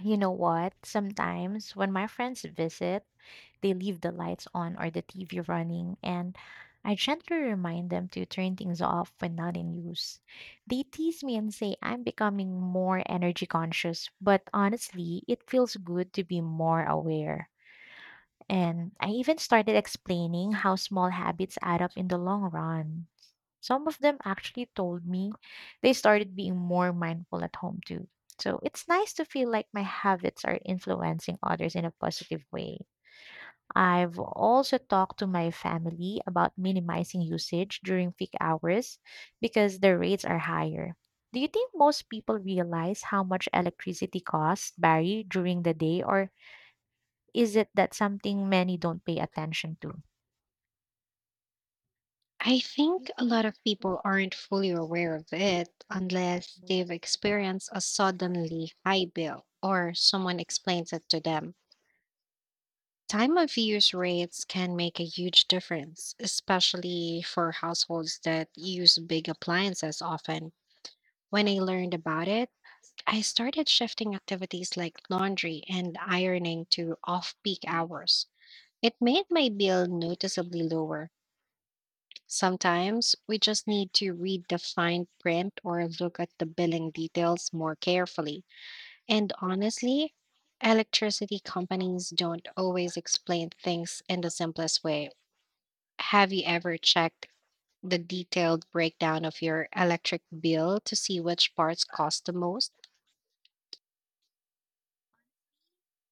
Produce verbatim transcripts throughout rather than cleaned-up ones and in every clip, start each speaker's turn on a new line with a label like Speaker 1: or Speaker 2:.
Speaker 1: You know what? Sometimes when my friends visit, they leave the lights on or the T V running, and I gently remind them to turn things off when not in use. They tease me and say I'm becoming more energy conscious, but honestly, it feels good to be more aware. And I even started explaining how small habits add up in the long run. Some of them actually told me they started being more mindful at home too. So it's nice to feel like my habits are influencing others in a positive way. I've also talked to my family about minimizing usage during peak hours because their rates are higher. Do you think most people realize how much electricity costs vary during the day or is it that something many don't pay attention to?
Speaker 2: I think a lot of people aren't fully aware of it unless they've experienced a suddenly high bill or someone explains it to them. Time of use rates can make a huge difference, especially for households that use big appliances often. When I learned about it, I started shifting activities like laundry and ironing to off peak hours. It made my bill noticeably lower. Sometimes we just need to read the fine print or look at the billing details more carefully. And honestly, electricity companies don't always explain things in the simplest way. Have you ever checked the detailed breakdown of your electric bill to see which parts cost the most?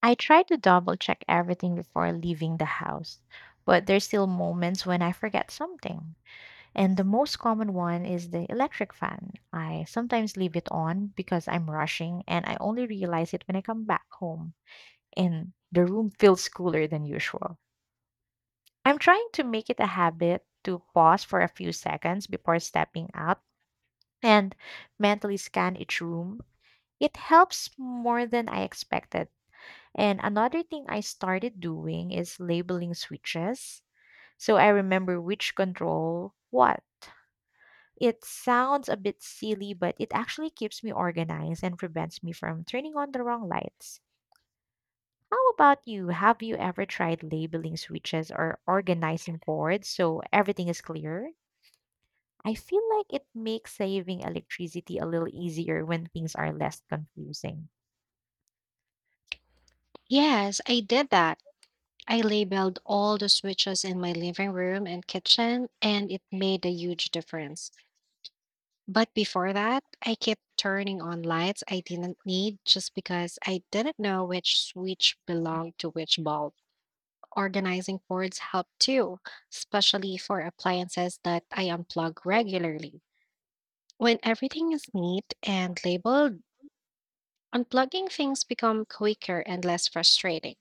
Speaker 1: I try to double check everything before leaving the house, but there's still moments when I forget something. And the most common one is the electric fan. I sometimes leave it on because I'm rushing and I only realize it when I come back home and the room feels cooler than usual. I'm trying to make it a habit to pause for a few seconds before stepping out and mentally scan each room, it helps more than I expected. And another thing I started doing is labeling switches. So I remember which control what. It sounds a bit silly, but it actually keeps me organized and prevents me from turning on the wrong lights. How about you? Have you ever tried labeling switches or organizing cords so everything is clear? I feel like it makes saving electricity a little easier when things are less confusing.
Speaker 2: Yes, I did that. I labeled all the switches in my living room and kitchen, and it made a huge difference. But before that, I kept turning on lights I didn't need just because I didn't know which switch belonged to which bulb. Organizing cords helped too, especially for appliances that I unplug regularly. When everything is neat and labeled, unplugging things become quicker and less frustrating.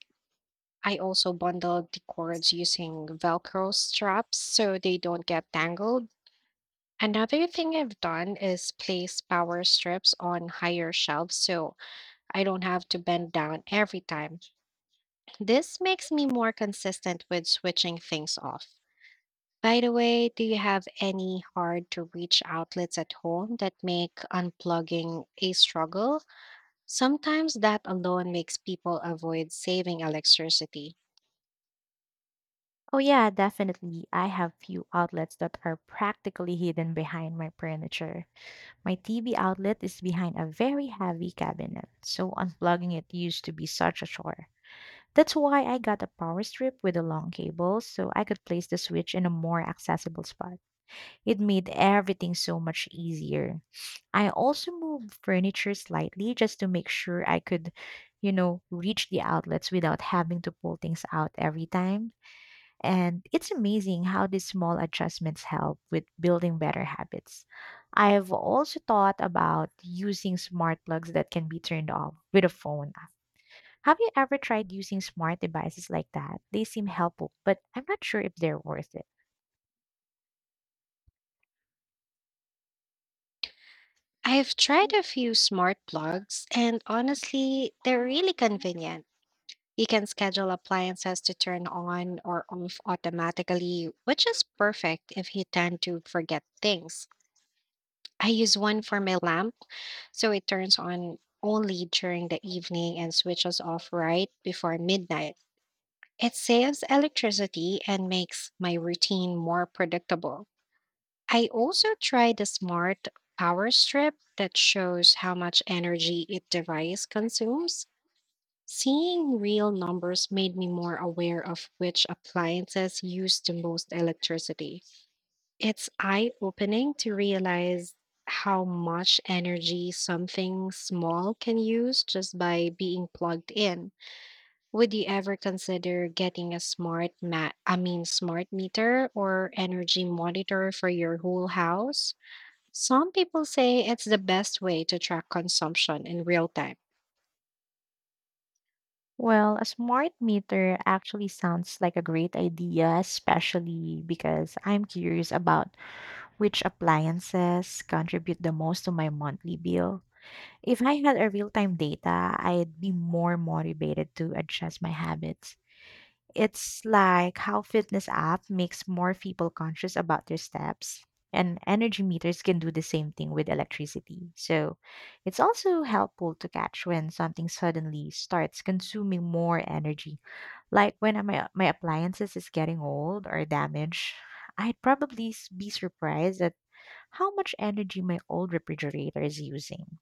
Speaker 2: I also bundle the cords using Velcro straps so they don't get tangled. Another thing I've done is place power strips on higher shelves so I don't have to bend down every time. This makes me more consistent with switching things off. By the way, do you have any hard to reach outlets at home that make unplugging a struggle? Sometimes that alone makes people avoid saving electricity.
Speaker 1: Oh, yeah, definitely. I have few outlets that are practically hidden behind my furniture. My T V outlet is behind a very heavy cabinet, so unplugging it used to be such a chore. That's why I got a power strip with a long cable so I could place the switch in a more accessible spot. It made everything so much easier. I also moved furniture slightly just to make sure I could, you know, reach the outlets without having to pull things out every time. And it's amazing how these small adjustments help with building better habits. I've also thought about using smart plugs that can be turned off with a phone. Have you ever tried using smart devices like that? They seem helpful, but I'm not sure if they're worth it.
Speaker 2: I've tried a few smart plugs, and honestly, they're really convenient. You can schedule appliances to turn on or off automatically, which is perfect if you tend to forget things. I use one for my lamp, so it turns on only during the evening and switches off right before midnight. It saves electricity and makes my routine more predictable. I also tried a smart power strip that shows how much energy each device consumes. Seeing real numbers made me more aware of which appliances use the most electricity. It's eye opening to realize how much energy something small can use just by being plugged in. Would you ever consider getting a smart mat, I mean smart meter or energy monitor for your whole house? Some people say it's the best way to track consumption in real time.
Speaker 1: Well, a smart meter actually sounds like a great idea, especially because I'm curious about which appliances contribute the most to my monthly bill. If I had a real-time data, I'd be more motivated to adjust my habits. It's like how fitness app makes more people conscious about their steps, and energy meters can do the same thing with electricity. So, it's also helpful to catch when something suddenly starts consuming more energy like when my my appliances is getting old or damaged, I'd probably s- be surprised at how much energy my old refrigerator is using.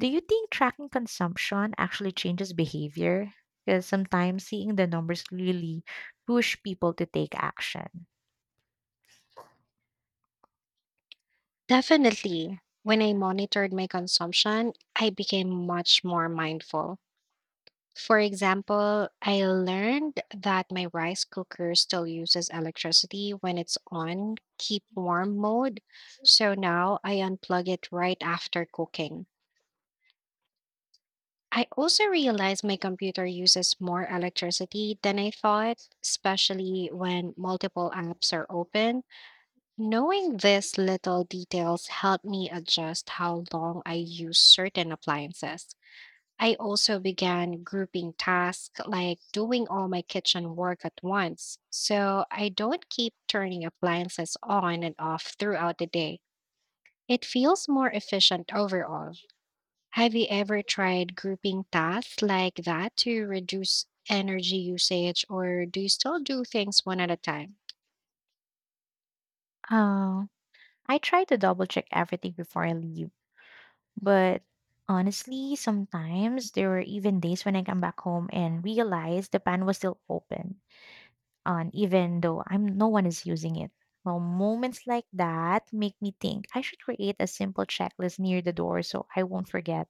Speaker 1: Do you think tracking consumption actually changes behavior? Because sometimes seeing the numbers really push people to take action.
Speaker 2: Definitely, when I monitored my consumption, I became much more mindful. For example, I learned that my rice cooker still uses electricity when it's on keep warm mode, so now I unplug it right after cooking. I also realized my computer uses more electricity than I thought, especially when multiple apps are open. Knowing these little details helped me adjust how long I use certain appliances. I also began grouping tasks like doing all my kitchen work at once, so I don't keep turning appliances on and off throughout the day. It feels more efficient overall. Have you ever tried grouping tasks like that to reduce energy usage, or do you still do things one at a time?
Speaker 1: Uh, I try to double check everything before I leave, but honestly, sometimes there were even days when I come back home and realized the pan was still open. On even though I'm no one is using it. Well, moments like that make me think I should create a simple checklist near the door so I won't forget.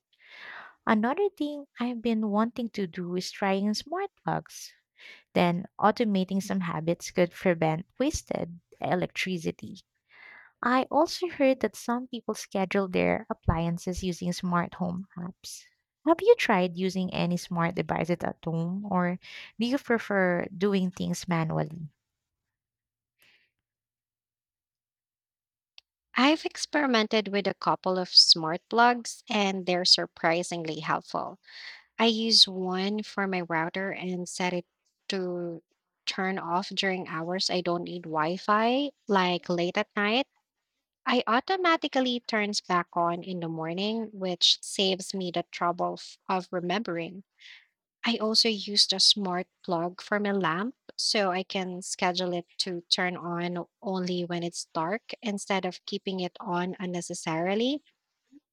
Speaker 1: Another thing I've been wanting to do is trying smart plugs. Then automating some habits could prevent wasted electricity. I also heard that some people schedule their appliances using smart home apps. Have you tried using any smart devices at home or do you prefer doing things manually?
Speaker 2: I've experimented with a couple of smart plugs and they're surprisingly helpful. I use one for my router and set it to turn off during hours I don't need Wi Fi, like late at night. I automatically turns back on in the morning, which saves me the trouble f- of remembering. I also used a smart plug for my lamp so I can schedule it to turn on only when it's dark instead of keeping it on unnecessarily.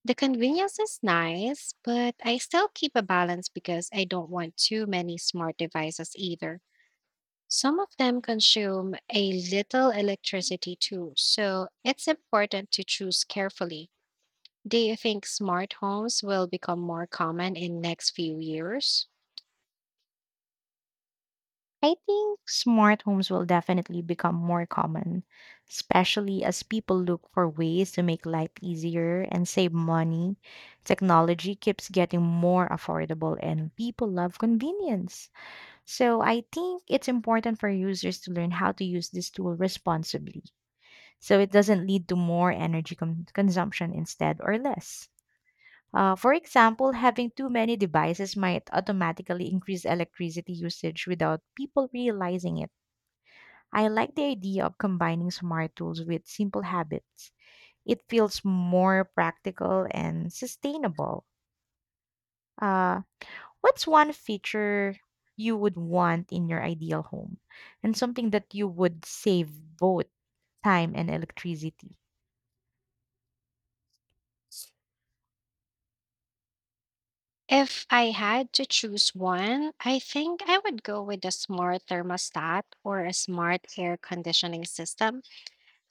Speaker 2: The convenience is nice, but I still keep a balance because I don't want too many smart devices either. Some of them consume a little electricity too, so it's important to choose carefully. Do you think smart homes will become more common in next few years?
Speaker 1: I think smart homes will definitely become more common, especially as people look for ways to make life easier and save money. Technology keeps getting more affordable and people love convenience. So I think it's important for users to learn how to use this tool responsibly so it doesn't lead to more energy con- consumption instead or less. Uh, for example, having too many devices might automatically increase electricity usage without people realizing it. I like the idea of combining smart tools with simple habits. It feels more practical and sustainable. Uh, what's one feature you would want in your ideal home and something that you would save both time and electricity?
Speaker 2: If I had to choose one, I think I would go with a smart thermostat or a smart air conditioning system.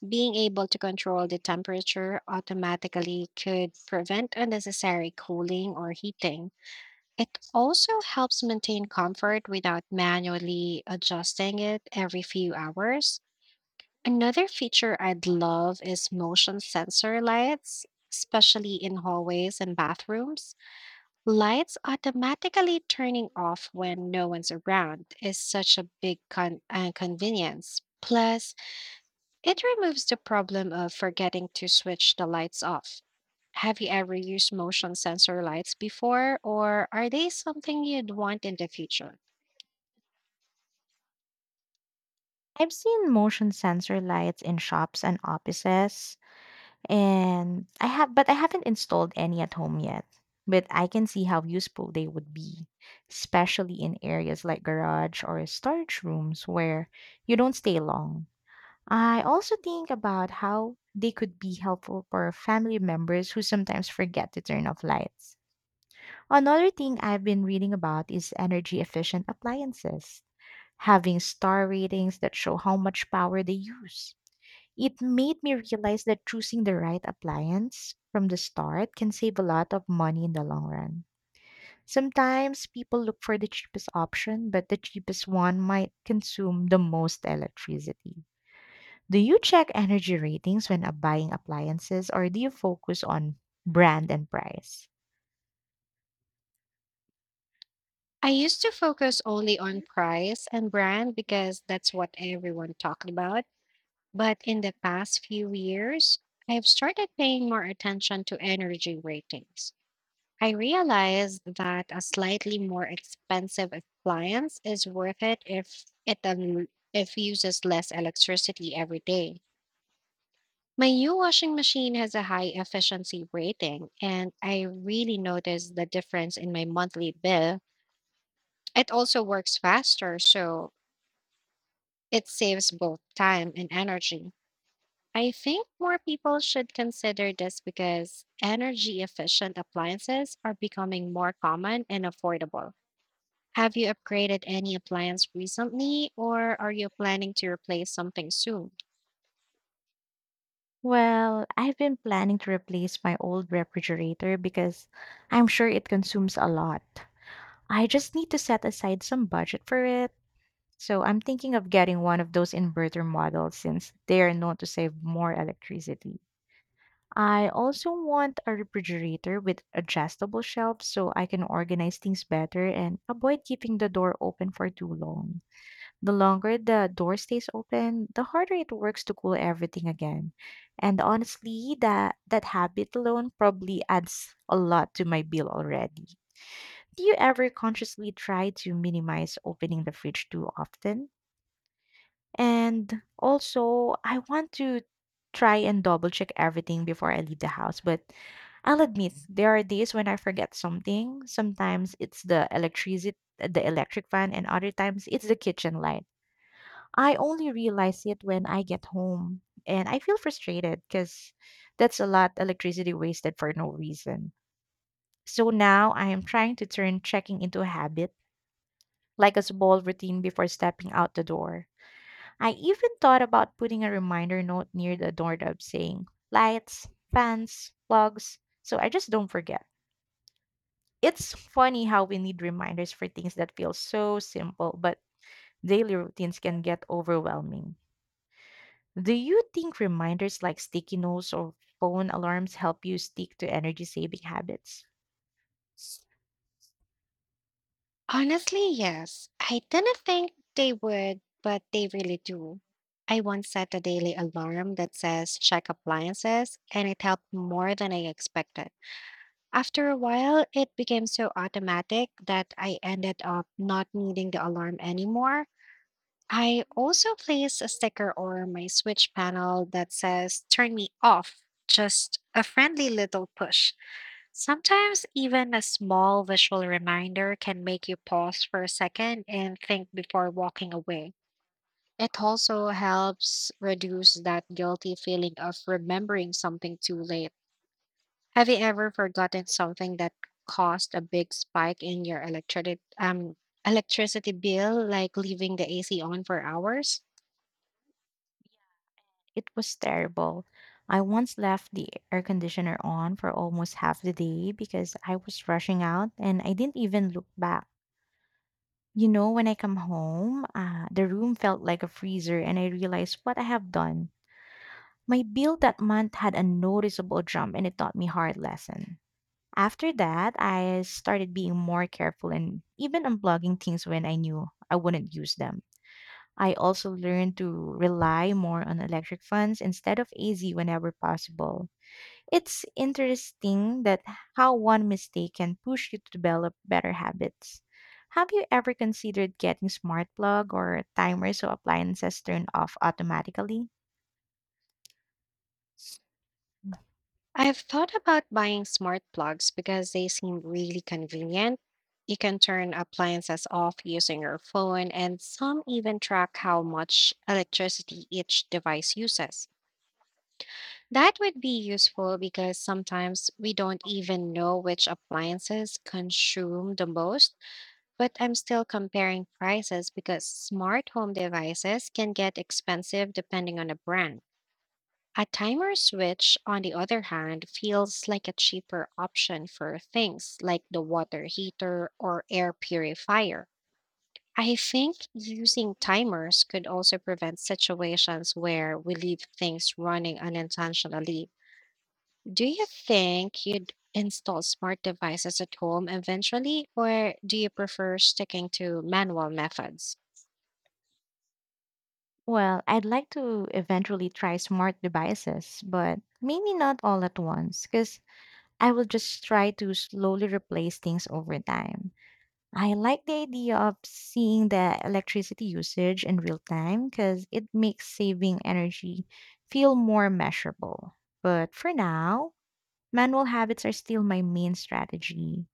Speaker 2: Being able to control the temperature automatically could prevent unnecessary cooling or heating. It also helps maintain comfort without manually adjusting it every few hours. Another feature I'd love is motion sensor lights, especially in hallways and bathrooms. Lights automatically turning off when no one's around is such a big con- uh, convenience. Plus, it removes the problem of forgetting to switch the lights off. Have you ever used motion sensor lights before, or are they something you'd want in the future?
Speaker 1: I've seen motion sensor lights in shops and offices. And I have but I haven't installed any at home yet. But I can see how useful they would be, especially in areas like garage or storage rooms where you don't stay long. I also think about how they could be helpful for family members who sometimes forget to turn off lights. Another thing I've been reading about is energy efficient appliances, having star ratings that show how much power they use. It made me realize that choosing the right appliance from the start can save a lot of money in the long run. Sometimes people look for the cheapest option, but the cheapest one might consume the most electricity. Do you check energy ratings when uh, buying appliances or do you focus on brand and price?
Speaker 2: I used to focus only on price and brand because that's what everyone talked about. But in the past few years, I've started paying more attention to energy ratings. I realized that a slightly more expensive appliance is worth it if it un- if uses less electricity every day. My new washing machine has a high efficiency rating, and I really noticed the difference in my monthly bill. It also works faster, so it saves both time and energy. I think more people should consider this because energy efficient appliances are becoming more common and affordable. Have you upgraded any appliance recently, or are you planning to replace something soon?
Speaker 1: Well, I've been planning to replace my old refrigerator because I'm sure it consumes a lot. I just need to set aside some budget for it. So I'm thinking of getting one of those inverter models since they are known to save more electricity. I also want a refrigerator with adjustable shelves so I can organize things better and avoid keeping the door open for too long. The longer the door stays open, the harder it works to cool everything again. And honestly, that that habit alone probably adds a lot to my bill already. Do you ever consciously try to minimize opening the fridge too often? And also, I want to try and double check everything before I leave the house. But I'll admit, there are days when I forget something. Sometimes it's the electricity, the electric fan, and other times it's the kitchen light. I only realize it when I get home. And I feel frustrated because that's a lot electricity wasted for no reason. So now I am trying to turn checking into a habit, like a small routine before stepping out the door. I even thought about putting a reminder note near the doorknob saying lights, fans, plugs, so I just don't forget. It's funny how we need reminders for things that feel so simple, but daily routines can get overwhelming. Do you think reminders like sticky notes or phone alarms help you stick to energy saving habits?
Speaker 2: Honestly, yes. I didn't think they would, but they really do. I once set a daily alarm that says check appliances, and it helped more than I expected. After a while, it became so automatic that I ended up not needing the alarm anymore. I also place a sticker or my switch panel that says turn me off, just a friendly little push. Sometimes even a small visual reminder can make you pause for a second and think before walking away. It also helps reduce that guilty feeling of remembering something too late. Have you ever forgotten something that caused a big spike in your electricity um electricity bill like leaving the A C on for hours?
Speaker 1: It was terrible. I once left the air conditioner on for almost half the day because I was rushing out and I didn't even look back. You know, when I come home, uh, the room felt like a freezer, and I realized what I have done. My bill that month had a noticeable jump, and it taught me hard lesson. After that, I started being more careful and even unplugging things when I knew I wouldn't use them. I also learned to rely more on electric fans instead of A C whenever possible. It's interesting that how one mistake can push you to develop better habits. Have you ever considered getting smart plug or timers so appliances turn off automatically?
Speaker 2: I've thought about buying smart plugs because they seem really convenient. You can turn appliances off using your phone, and some even track how much electricity each device uses. That would be useful because sometimes we don't even know which appliances consume the most, but I'm still comparing prices because smart home devices can get expensive depending on the brand. A timer switch, on the other hand, feels like a cheaper option for things like the water heater or air purifier. I think using timers could also prevent situations where we leave things running unintentionally. Do you think you'd install smart devices at home eventually, or do you prefer sticking to manual methods?
Speaker 1: Well, I'd like to eventually try smart devices, but maybe not all at once, because I will just try to slowly replace things over time. I like the idea of seeing the electricity usage in real time because it makes saving energy feel more measurable. But for now, manual habits are still my main strategy.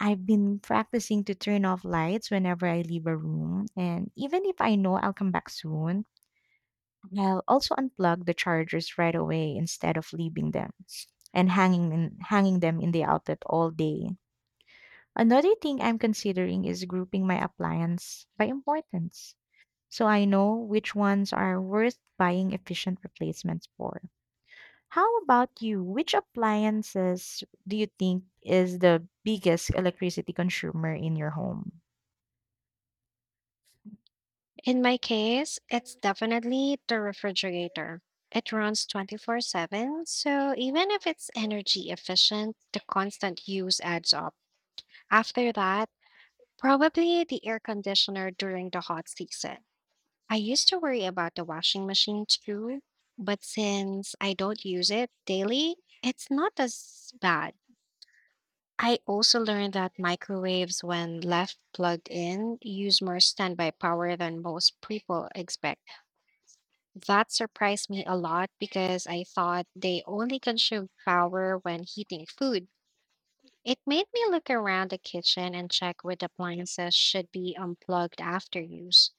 Speaker 1: I've been practicing to turn off lights whenever I leave a room, and even if I know I'll come back soon, I'll also unplug the chargers right away instead of leaving them and hanging in, hanging them in the outlet all day. Another thing I'm considering is grouping my appliance by importance so I know which ones are worth buying efficient replacements for. How about you? Which appliances do you think is the biggest electricity consumer in your home?
Speaker 2: In my case, it's definitely the refrigerator. It runs twenty-four seven, so even if it's energy efficient, the constant use adds up. After that, probably the air conditioner during the hot season. I used to worry about the washing machine too, but since I don't use it daily, it's not as bad. I also learned that microwaves, when left plugged in, use more standby power than most people expect. That surprised me a lot because I thought they only consume power when heating food. It made me look around the kitchen and check which appliances should be unplugged after use.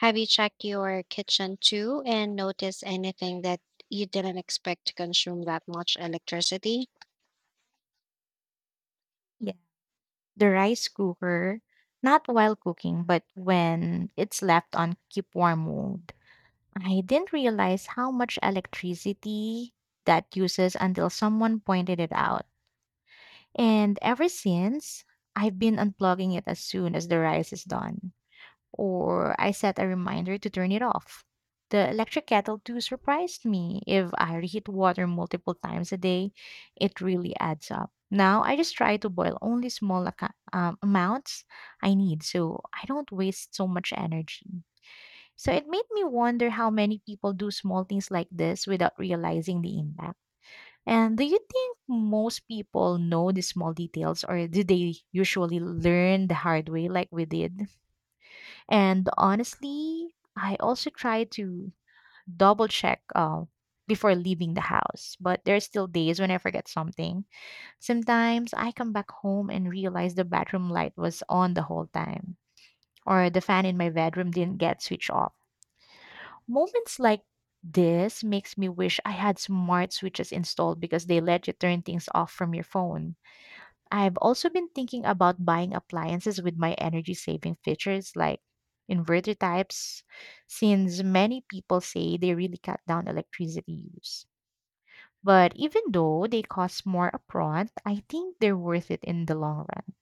Speaker 2: Have you checked your kitchen too and noticed anything that you didn't expect to consume that much electricity?
Speaker 1: Yeah. The rice cooker, not while cooking, but when it's left on keep warm mode. I didn't realize how much electricity that uses until someone pointed it out. And ever since, I've been unplugging it as soon as the rice is done, or I set a reminder to turn it off. The electric kettle too surprised me. If I reheat water multiple times a day, it really adds up. Now I just try to boil only small aca- um, amounts I need so I don't waste so much energy. So it made me wonder how many people do small things like this without realizing the impact. And do you think most people know the small details or do they usually learn the hard way like we did? And honestly, I also try to double check uh, before leaving the house, but there's still days when I forget something. Sometimes I come back home and realize the bathroom light was on the whole time or the fan in my bedroom didn't get switched off. Moments like this makes me wish I had smart switches installed because they let you turn things off from your phone. I've also been thinking about buying appliances with my energy saving features like inverter types, since many people say they really cut down electricity use. But even though they cost more upfront, I think they're worth it in the long run.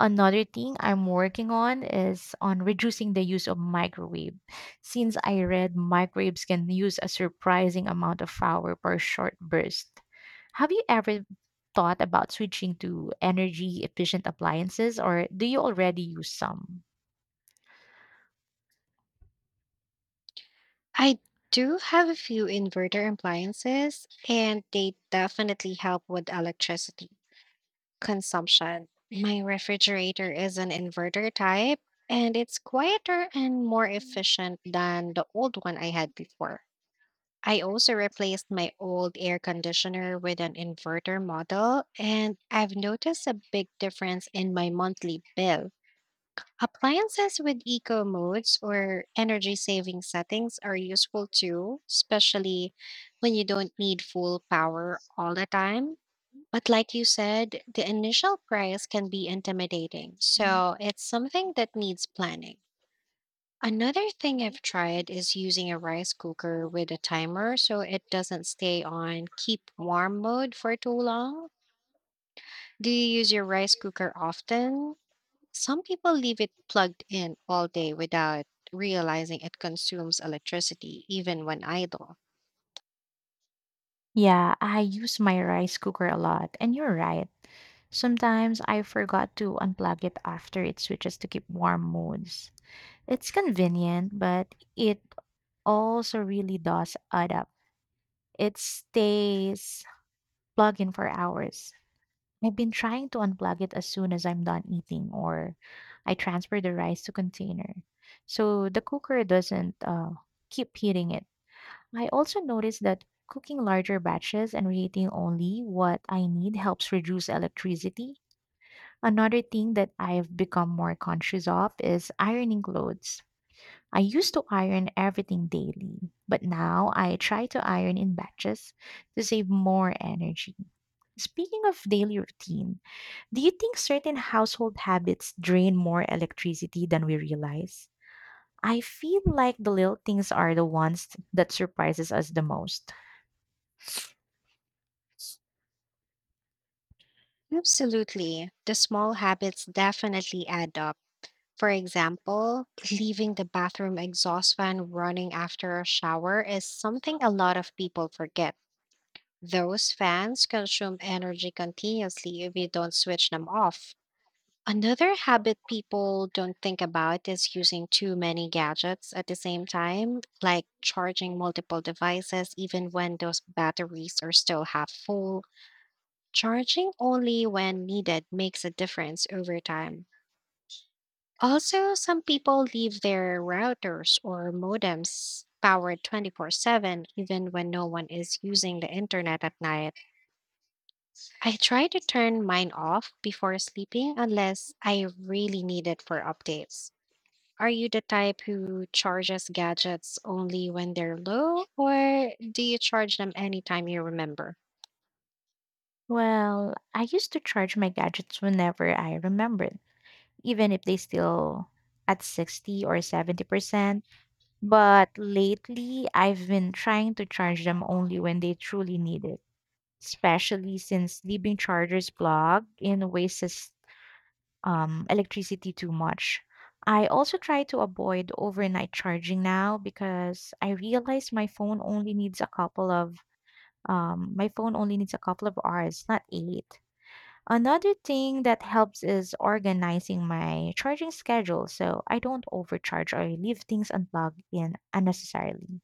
Speaker 1: Another thing I'm working on is on reducing the use of microwave since I read microwaves can use a surprising amount of power per short burst. Have you ever thought about switching to energy efficient appliances or do you already use some?
Speaker 2: I do have a few inverter appliances and they definitely help with electricity consumption. My refrigerator is an inverter type and it's quieter and more efficient than the old one I had before. I also replaced my old air conditioner with an inverter model, and I've noticed a big difference in my monthly bill. Appliances with eco modes or energy saving settings are useful too, especially when you don't need full power all the time. But like you said, the initial price can be intimidating, so it's something that needs planning. Another thing I've tried is using a rice cooker with a timer so it doesn't stay on keep warm mode for too long. Do you use your rice cooker often? Some people leave it plugged in all day without realizing it consumes electricity, even when idle.
Speaker 1: Yeah, I use my rice cooker a lot, and you're right. Sometimes I forgot to unplug it after it switches to keep warm modes. It's convenient, but it also really does add up. It stays plugged in for hours. I've been trying to unplug it as soon as I'm done eating, or I transfer the rice to container, so the cooker doesn't uh, keep heating it. I also noticed that cooking larger batches and reheating only what I need helps reduce electricity. Another thing that I've become more conscious of is ironing clothes. I used to iron everything daily, but now I try to iron in batches to save more energy. Speaking of daily routine, do you think certain household habits drain more electricity than we realize? I feel like the little things are the ones that surprises us the most.
Speaker 2: Absolutely. The small habits definitely add up. For example, leaving the bathroom exhaust fan running after a shower is something a lot of people forget. Those fans consume energy continuously if you don't switch them off. Another habit people don't think about is using too many gadgets at the same time, like charging multiple devices even when those batteries are still half full. Charging only when needed makes a difference over time. Also, some people leave their routers or modems powered twenty-four seven even when no one is using the internet at night. I try to turn mine off before sleeping unless I really need it for updates. Are you the type who charges gadgets only when they're low, or do you charge them anytime you remember?
Speaker 1: Well, I used to charge my gadgets whenever I remembered, even if they still at sixty or seventy percent. But lately, I've been trying to charge them only when they truly need it, especially since leaving chargers plugged in wastes um, electricity too much. I also try to avoid overnight charging now because I realize my phone only needs a couple of um, my phone only needs a couple of hours, not eight. Another thing that helps is organizing my charging schedule so I don't overcharge or leave things unplugged in unnecessarily.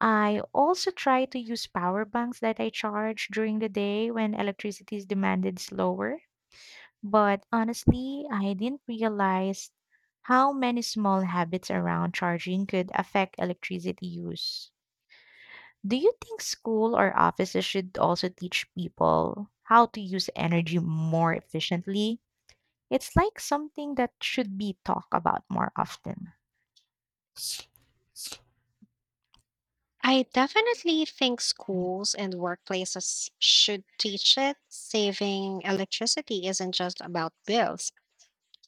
Speaker 1: I also try to use power banks that I charge during the day when electricity is demanded slower. But honestly, I didn't realize how many small habits around charging could affect electricity use. Do you think school or offices should also teach people how to use energy more efficiently? It's like something that should be talked about more often.
Speaker 2: I definitely think schools and workplaces should teach it. Saving electricity isn't just about bills.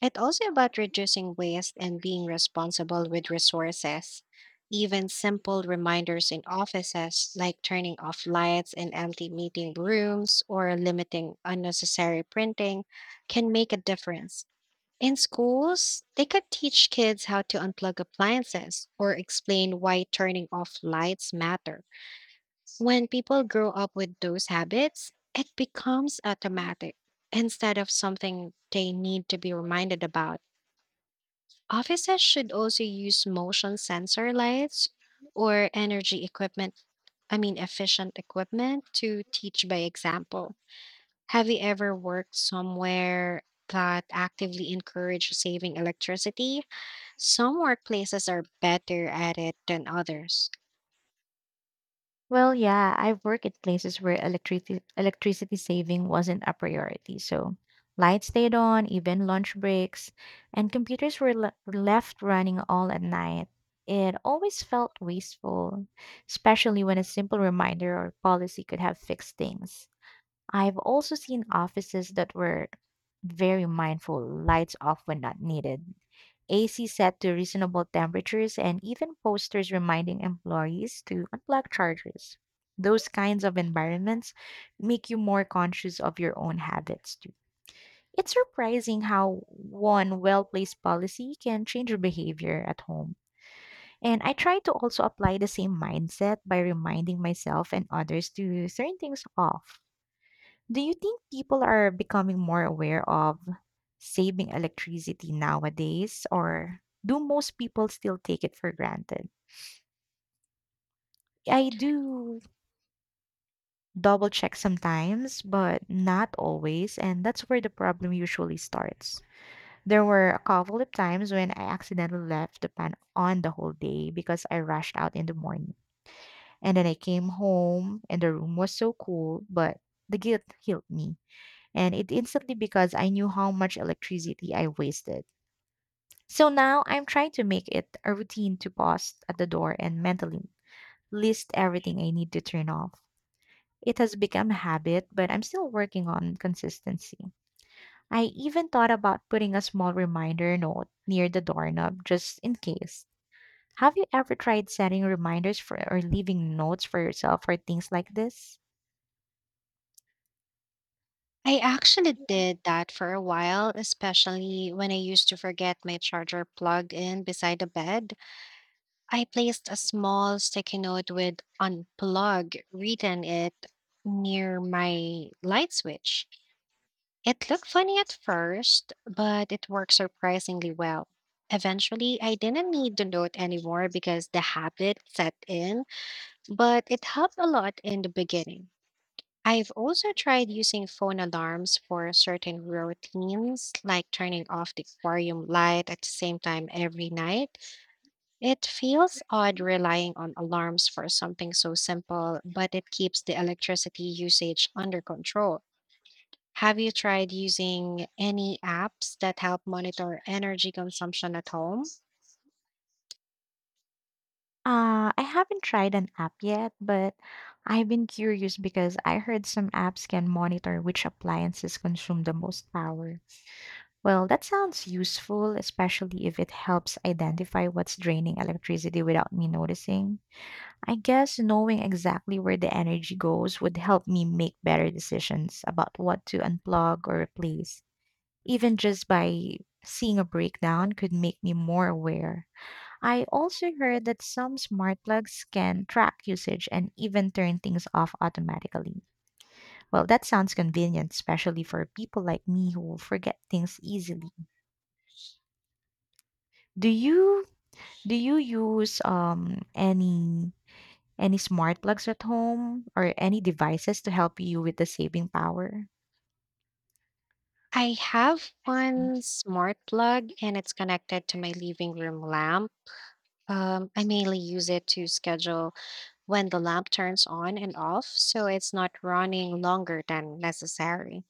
Speaker 2: It's also about reducing waste and being responsible with resources. Even simple reminders in offices, like turning off lights in empty meeting rooms or limiting unnecessary printing, can make a difference. In schools, they could teach kids how to unplug appliances or explain why turning off lights matter. When people grow up with those habits, it becomes automatic instead of something they need to be reminded about. Offices should also use motion sensor lights or energy equipment, I mean, efficient equipment to teach by example. Have you ever worked somewhere that actively encourage saving electricity? Some workplaces are better at it than others.
Speaker 1: Well, yeah, I've worked at places where electricity electricity saving wasn't a priority. So lights stayed on, even lunch breaks, and computers were le- were left running all at night. It always felt wasteful, especially when a simple reminder or policy could have fixed things. I've also seen offices that were very mindful, lights off when not needed, A C set to reasonable temperatures, and even posters reminding employees to unplug chargers. Those kinds of environments make you more conscious of your own habits too. It's surprising how one well placed policy can change your behavior at home. And I try to also apply the same mindset by reminding myself and others to turn things off. Do you think people are becoming more aware of saving electricity nowadays, or do most people still take it for granted? I do double check sometimes, but not always, and that's where the problem usually starts. There were a couple of times when I accidentally left the pan on the whole day because I rushed out in the morning. And then I came home and the room was so cool, but the guilt killed me. And it instantly because I knew how much electricity I wasted. So now I'm trying to make it a routine to pause at the door and mentally list everything I need to turn off. It has become a habit, but I'm still working on consistency. I even thought about putting a small reminder note near the doorknob just in case. Have you ever tried setting reminders for or leaving notes for yourself for things like this?
Speaker 2: I actually did that for a while, especially when I used to forget my charger plugged in beside the bed. I placed a small sticky note with unplug written it near my light switch. It looked funny at first, but it worked surprisingly well. Eventually, I didn't need the note anymore because the habit set in, but it helped a lot in the beginning. I've also tried using phone alarms for certain routines, like turning off the aquarium light at the same time every night. It feels odd relying on alarms for something so simple, but it keeps the electricity usage under control. Have you tried using any apps that help monitor energy consumption at home?
Speaker 1: Uh, I haven't tried an app yet, but I've been curious because I heard some apps can monitor which appliances consume the most power. Well, that sounds useful, especially if it helps identify what's draining electricity without me noticing. I guess knowing exactly where the energy goes would help me make better decisions about what to unplug or replace. Even just by seeing a breakdown could make me more aware. I also heard that some smart plugs can track usage and even turn things off automatically. Well, that sounds convenient, especially for people like me who forget things easily. Do you do you use um any any smart plugs at home or any devices to help you with the saving power?
Speaker 2: I have one smart plug and it's connected to my living room lamp. Um, I mainly use it to schedule when the lamp turns on and off, so it's not running longer than necessary.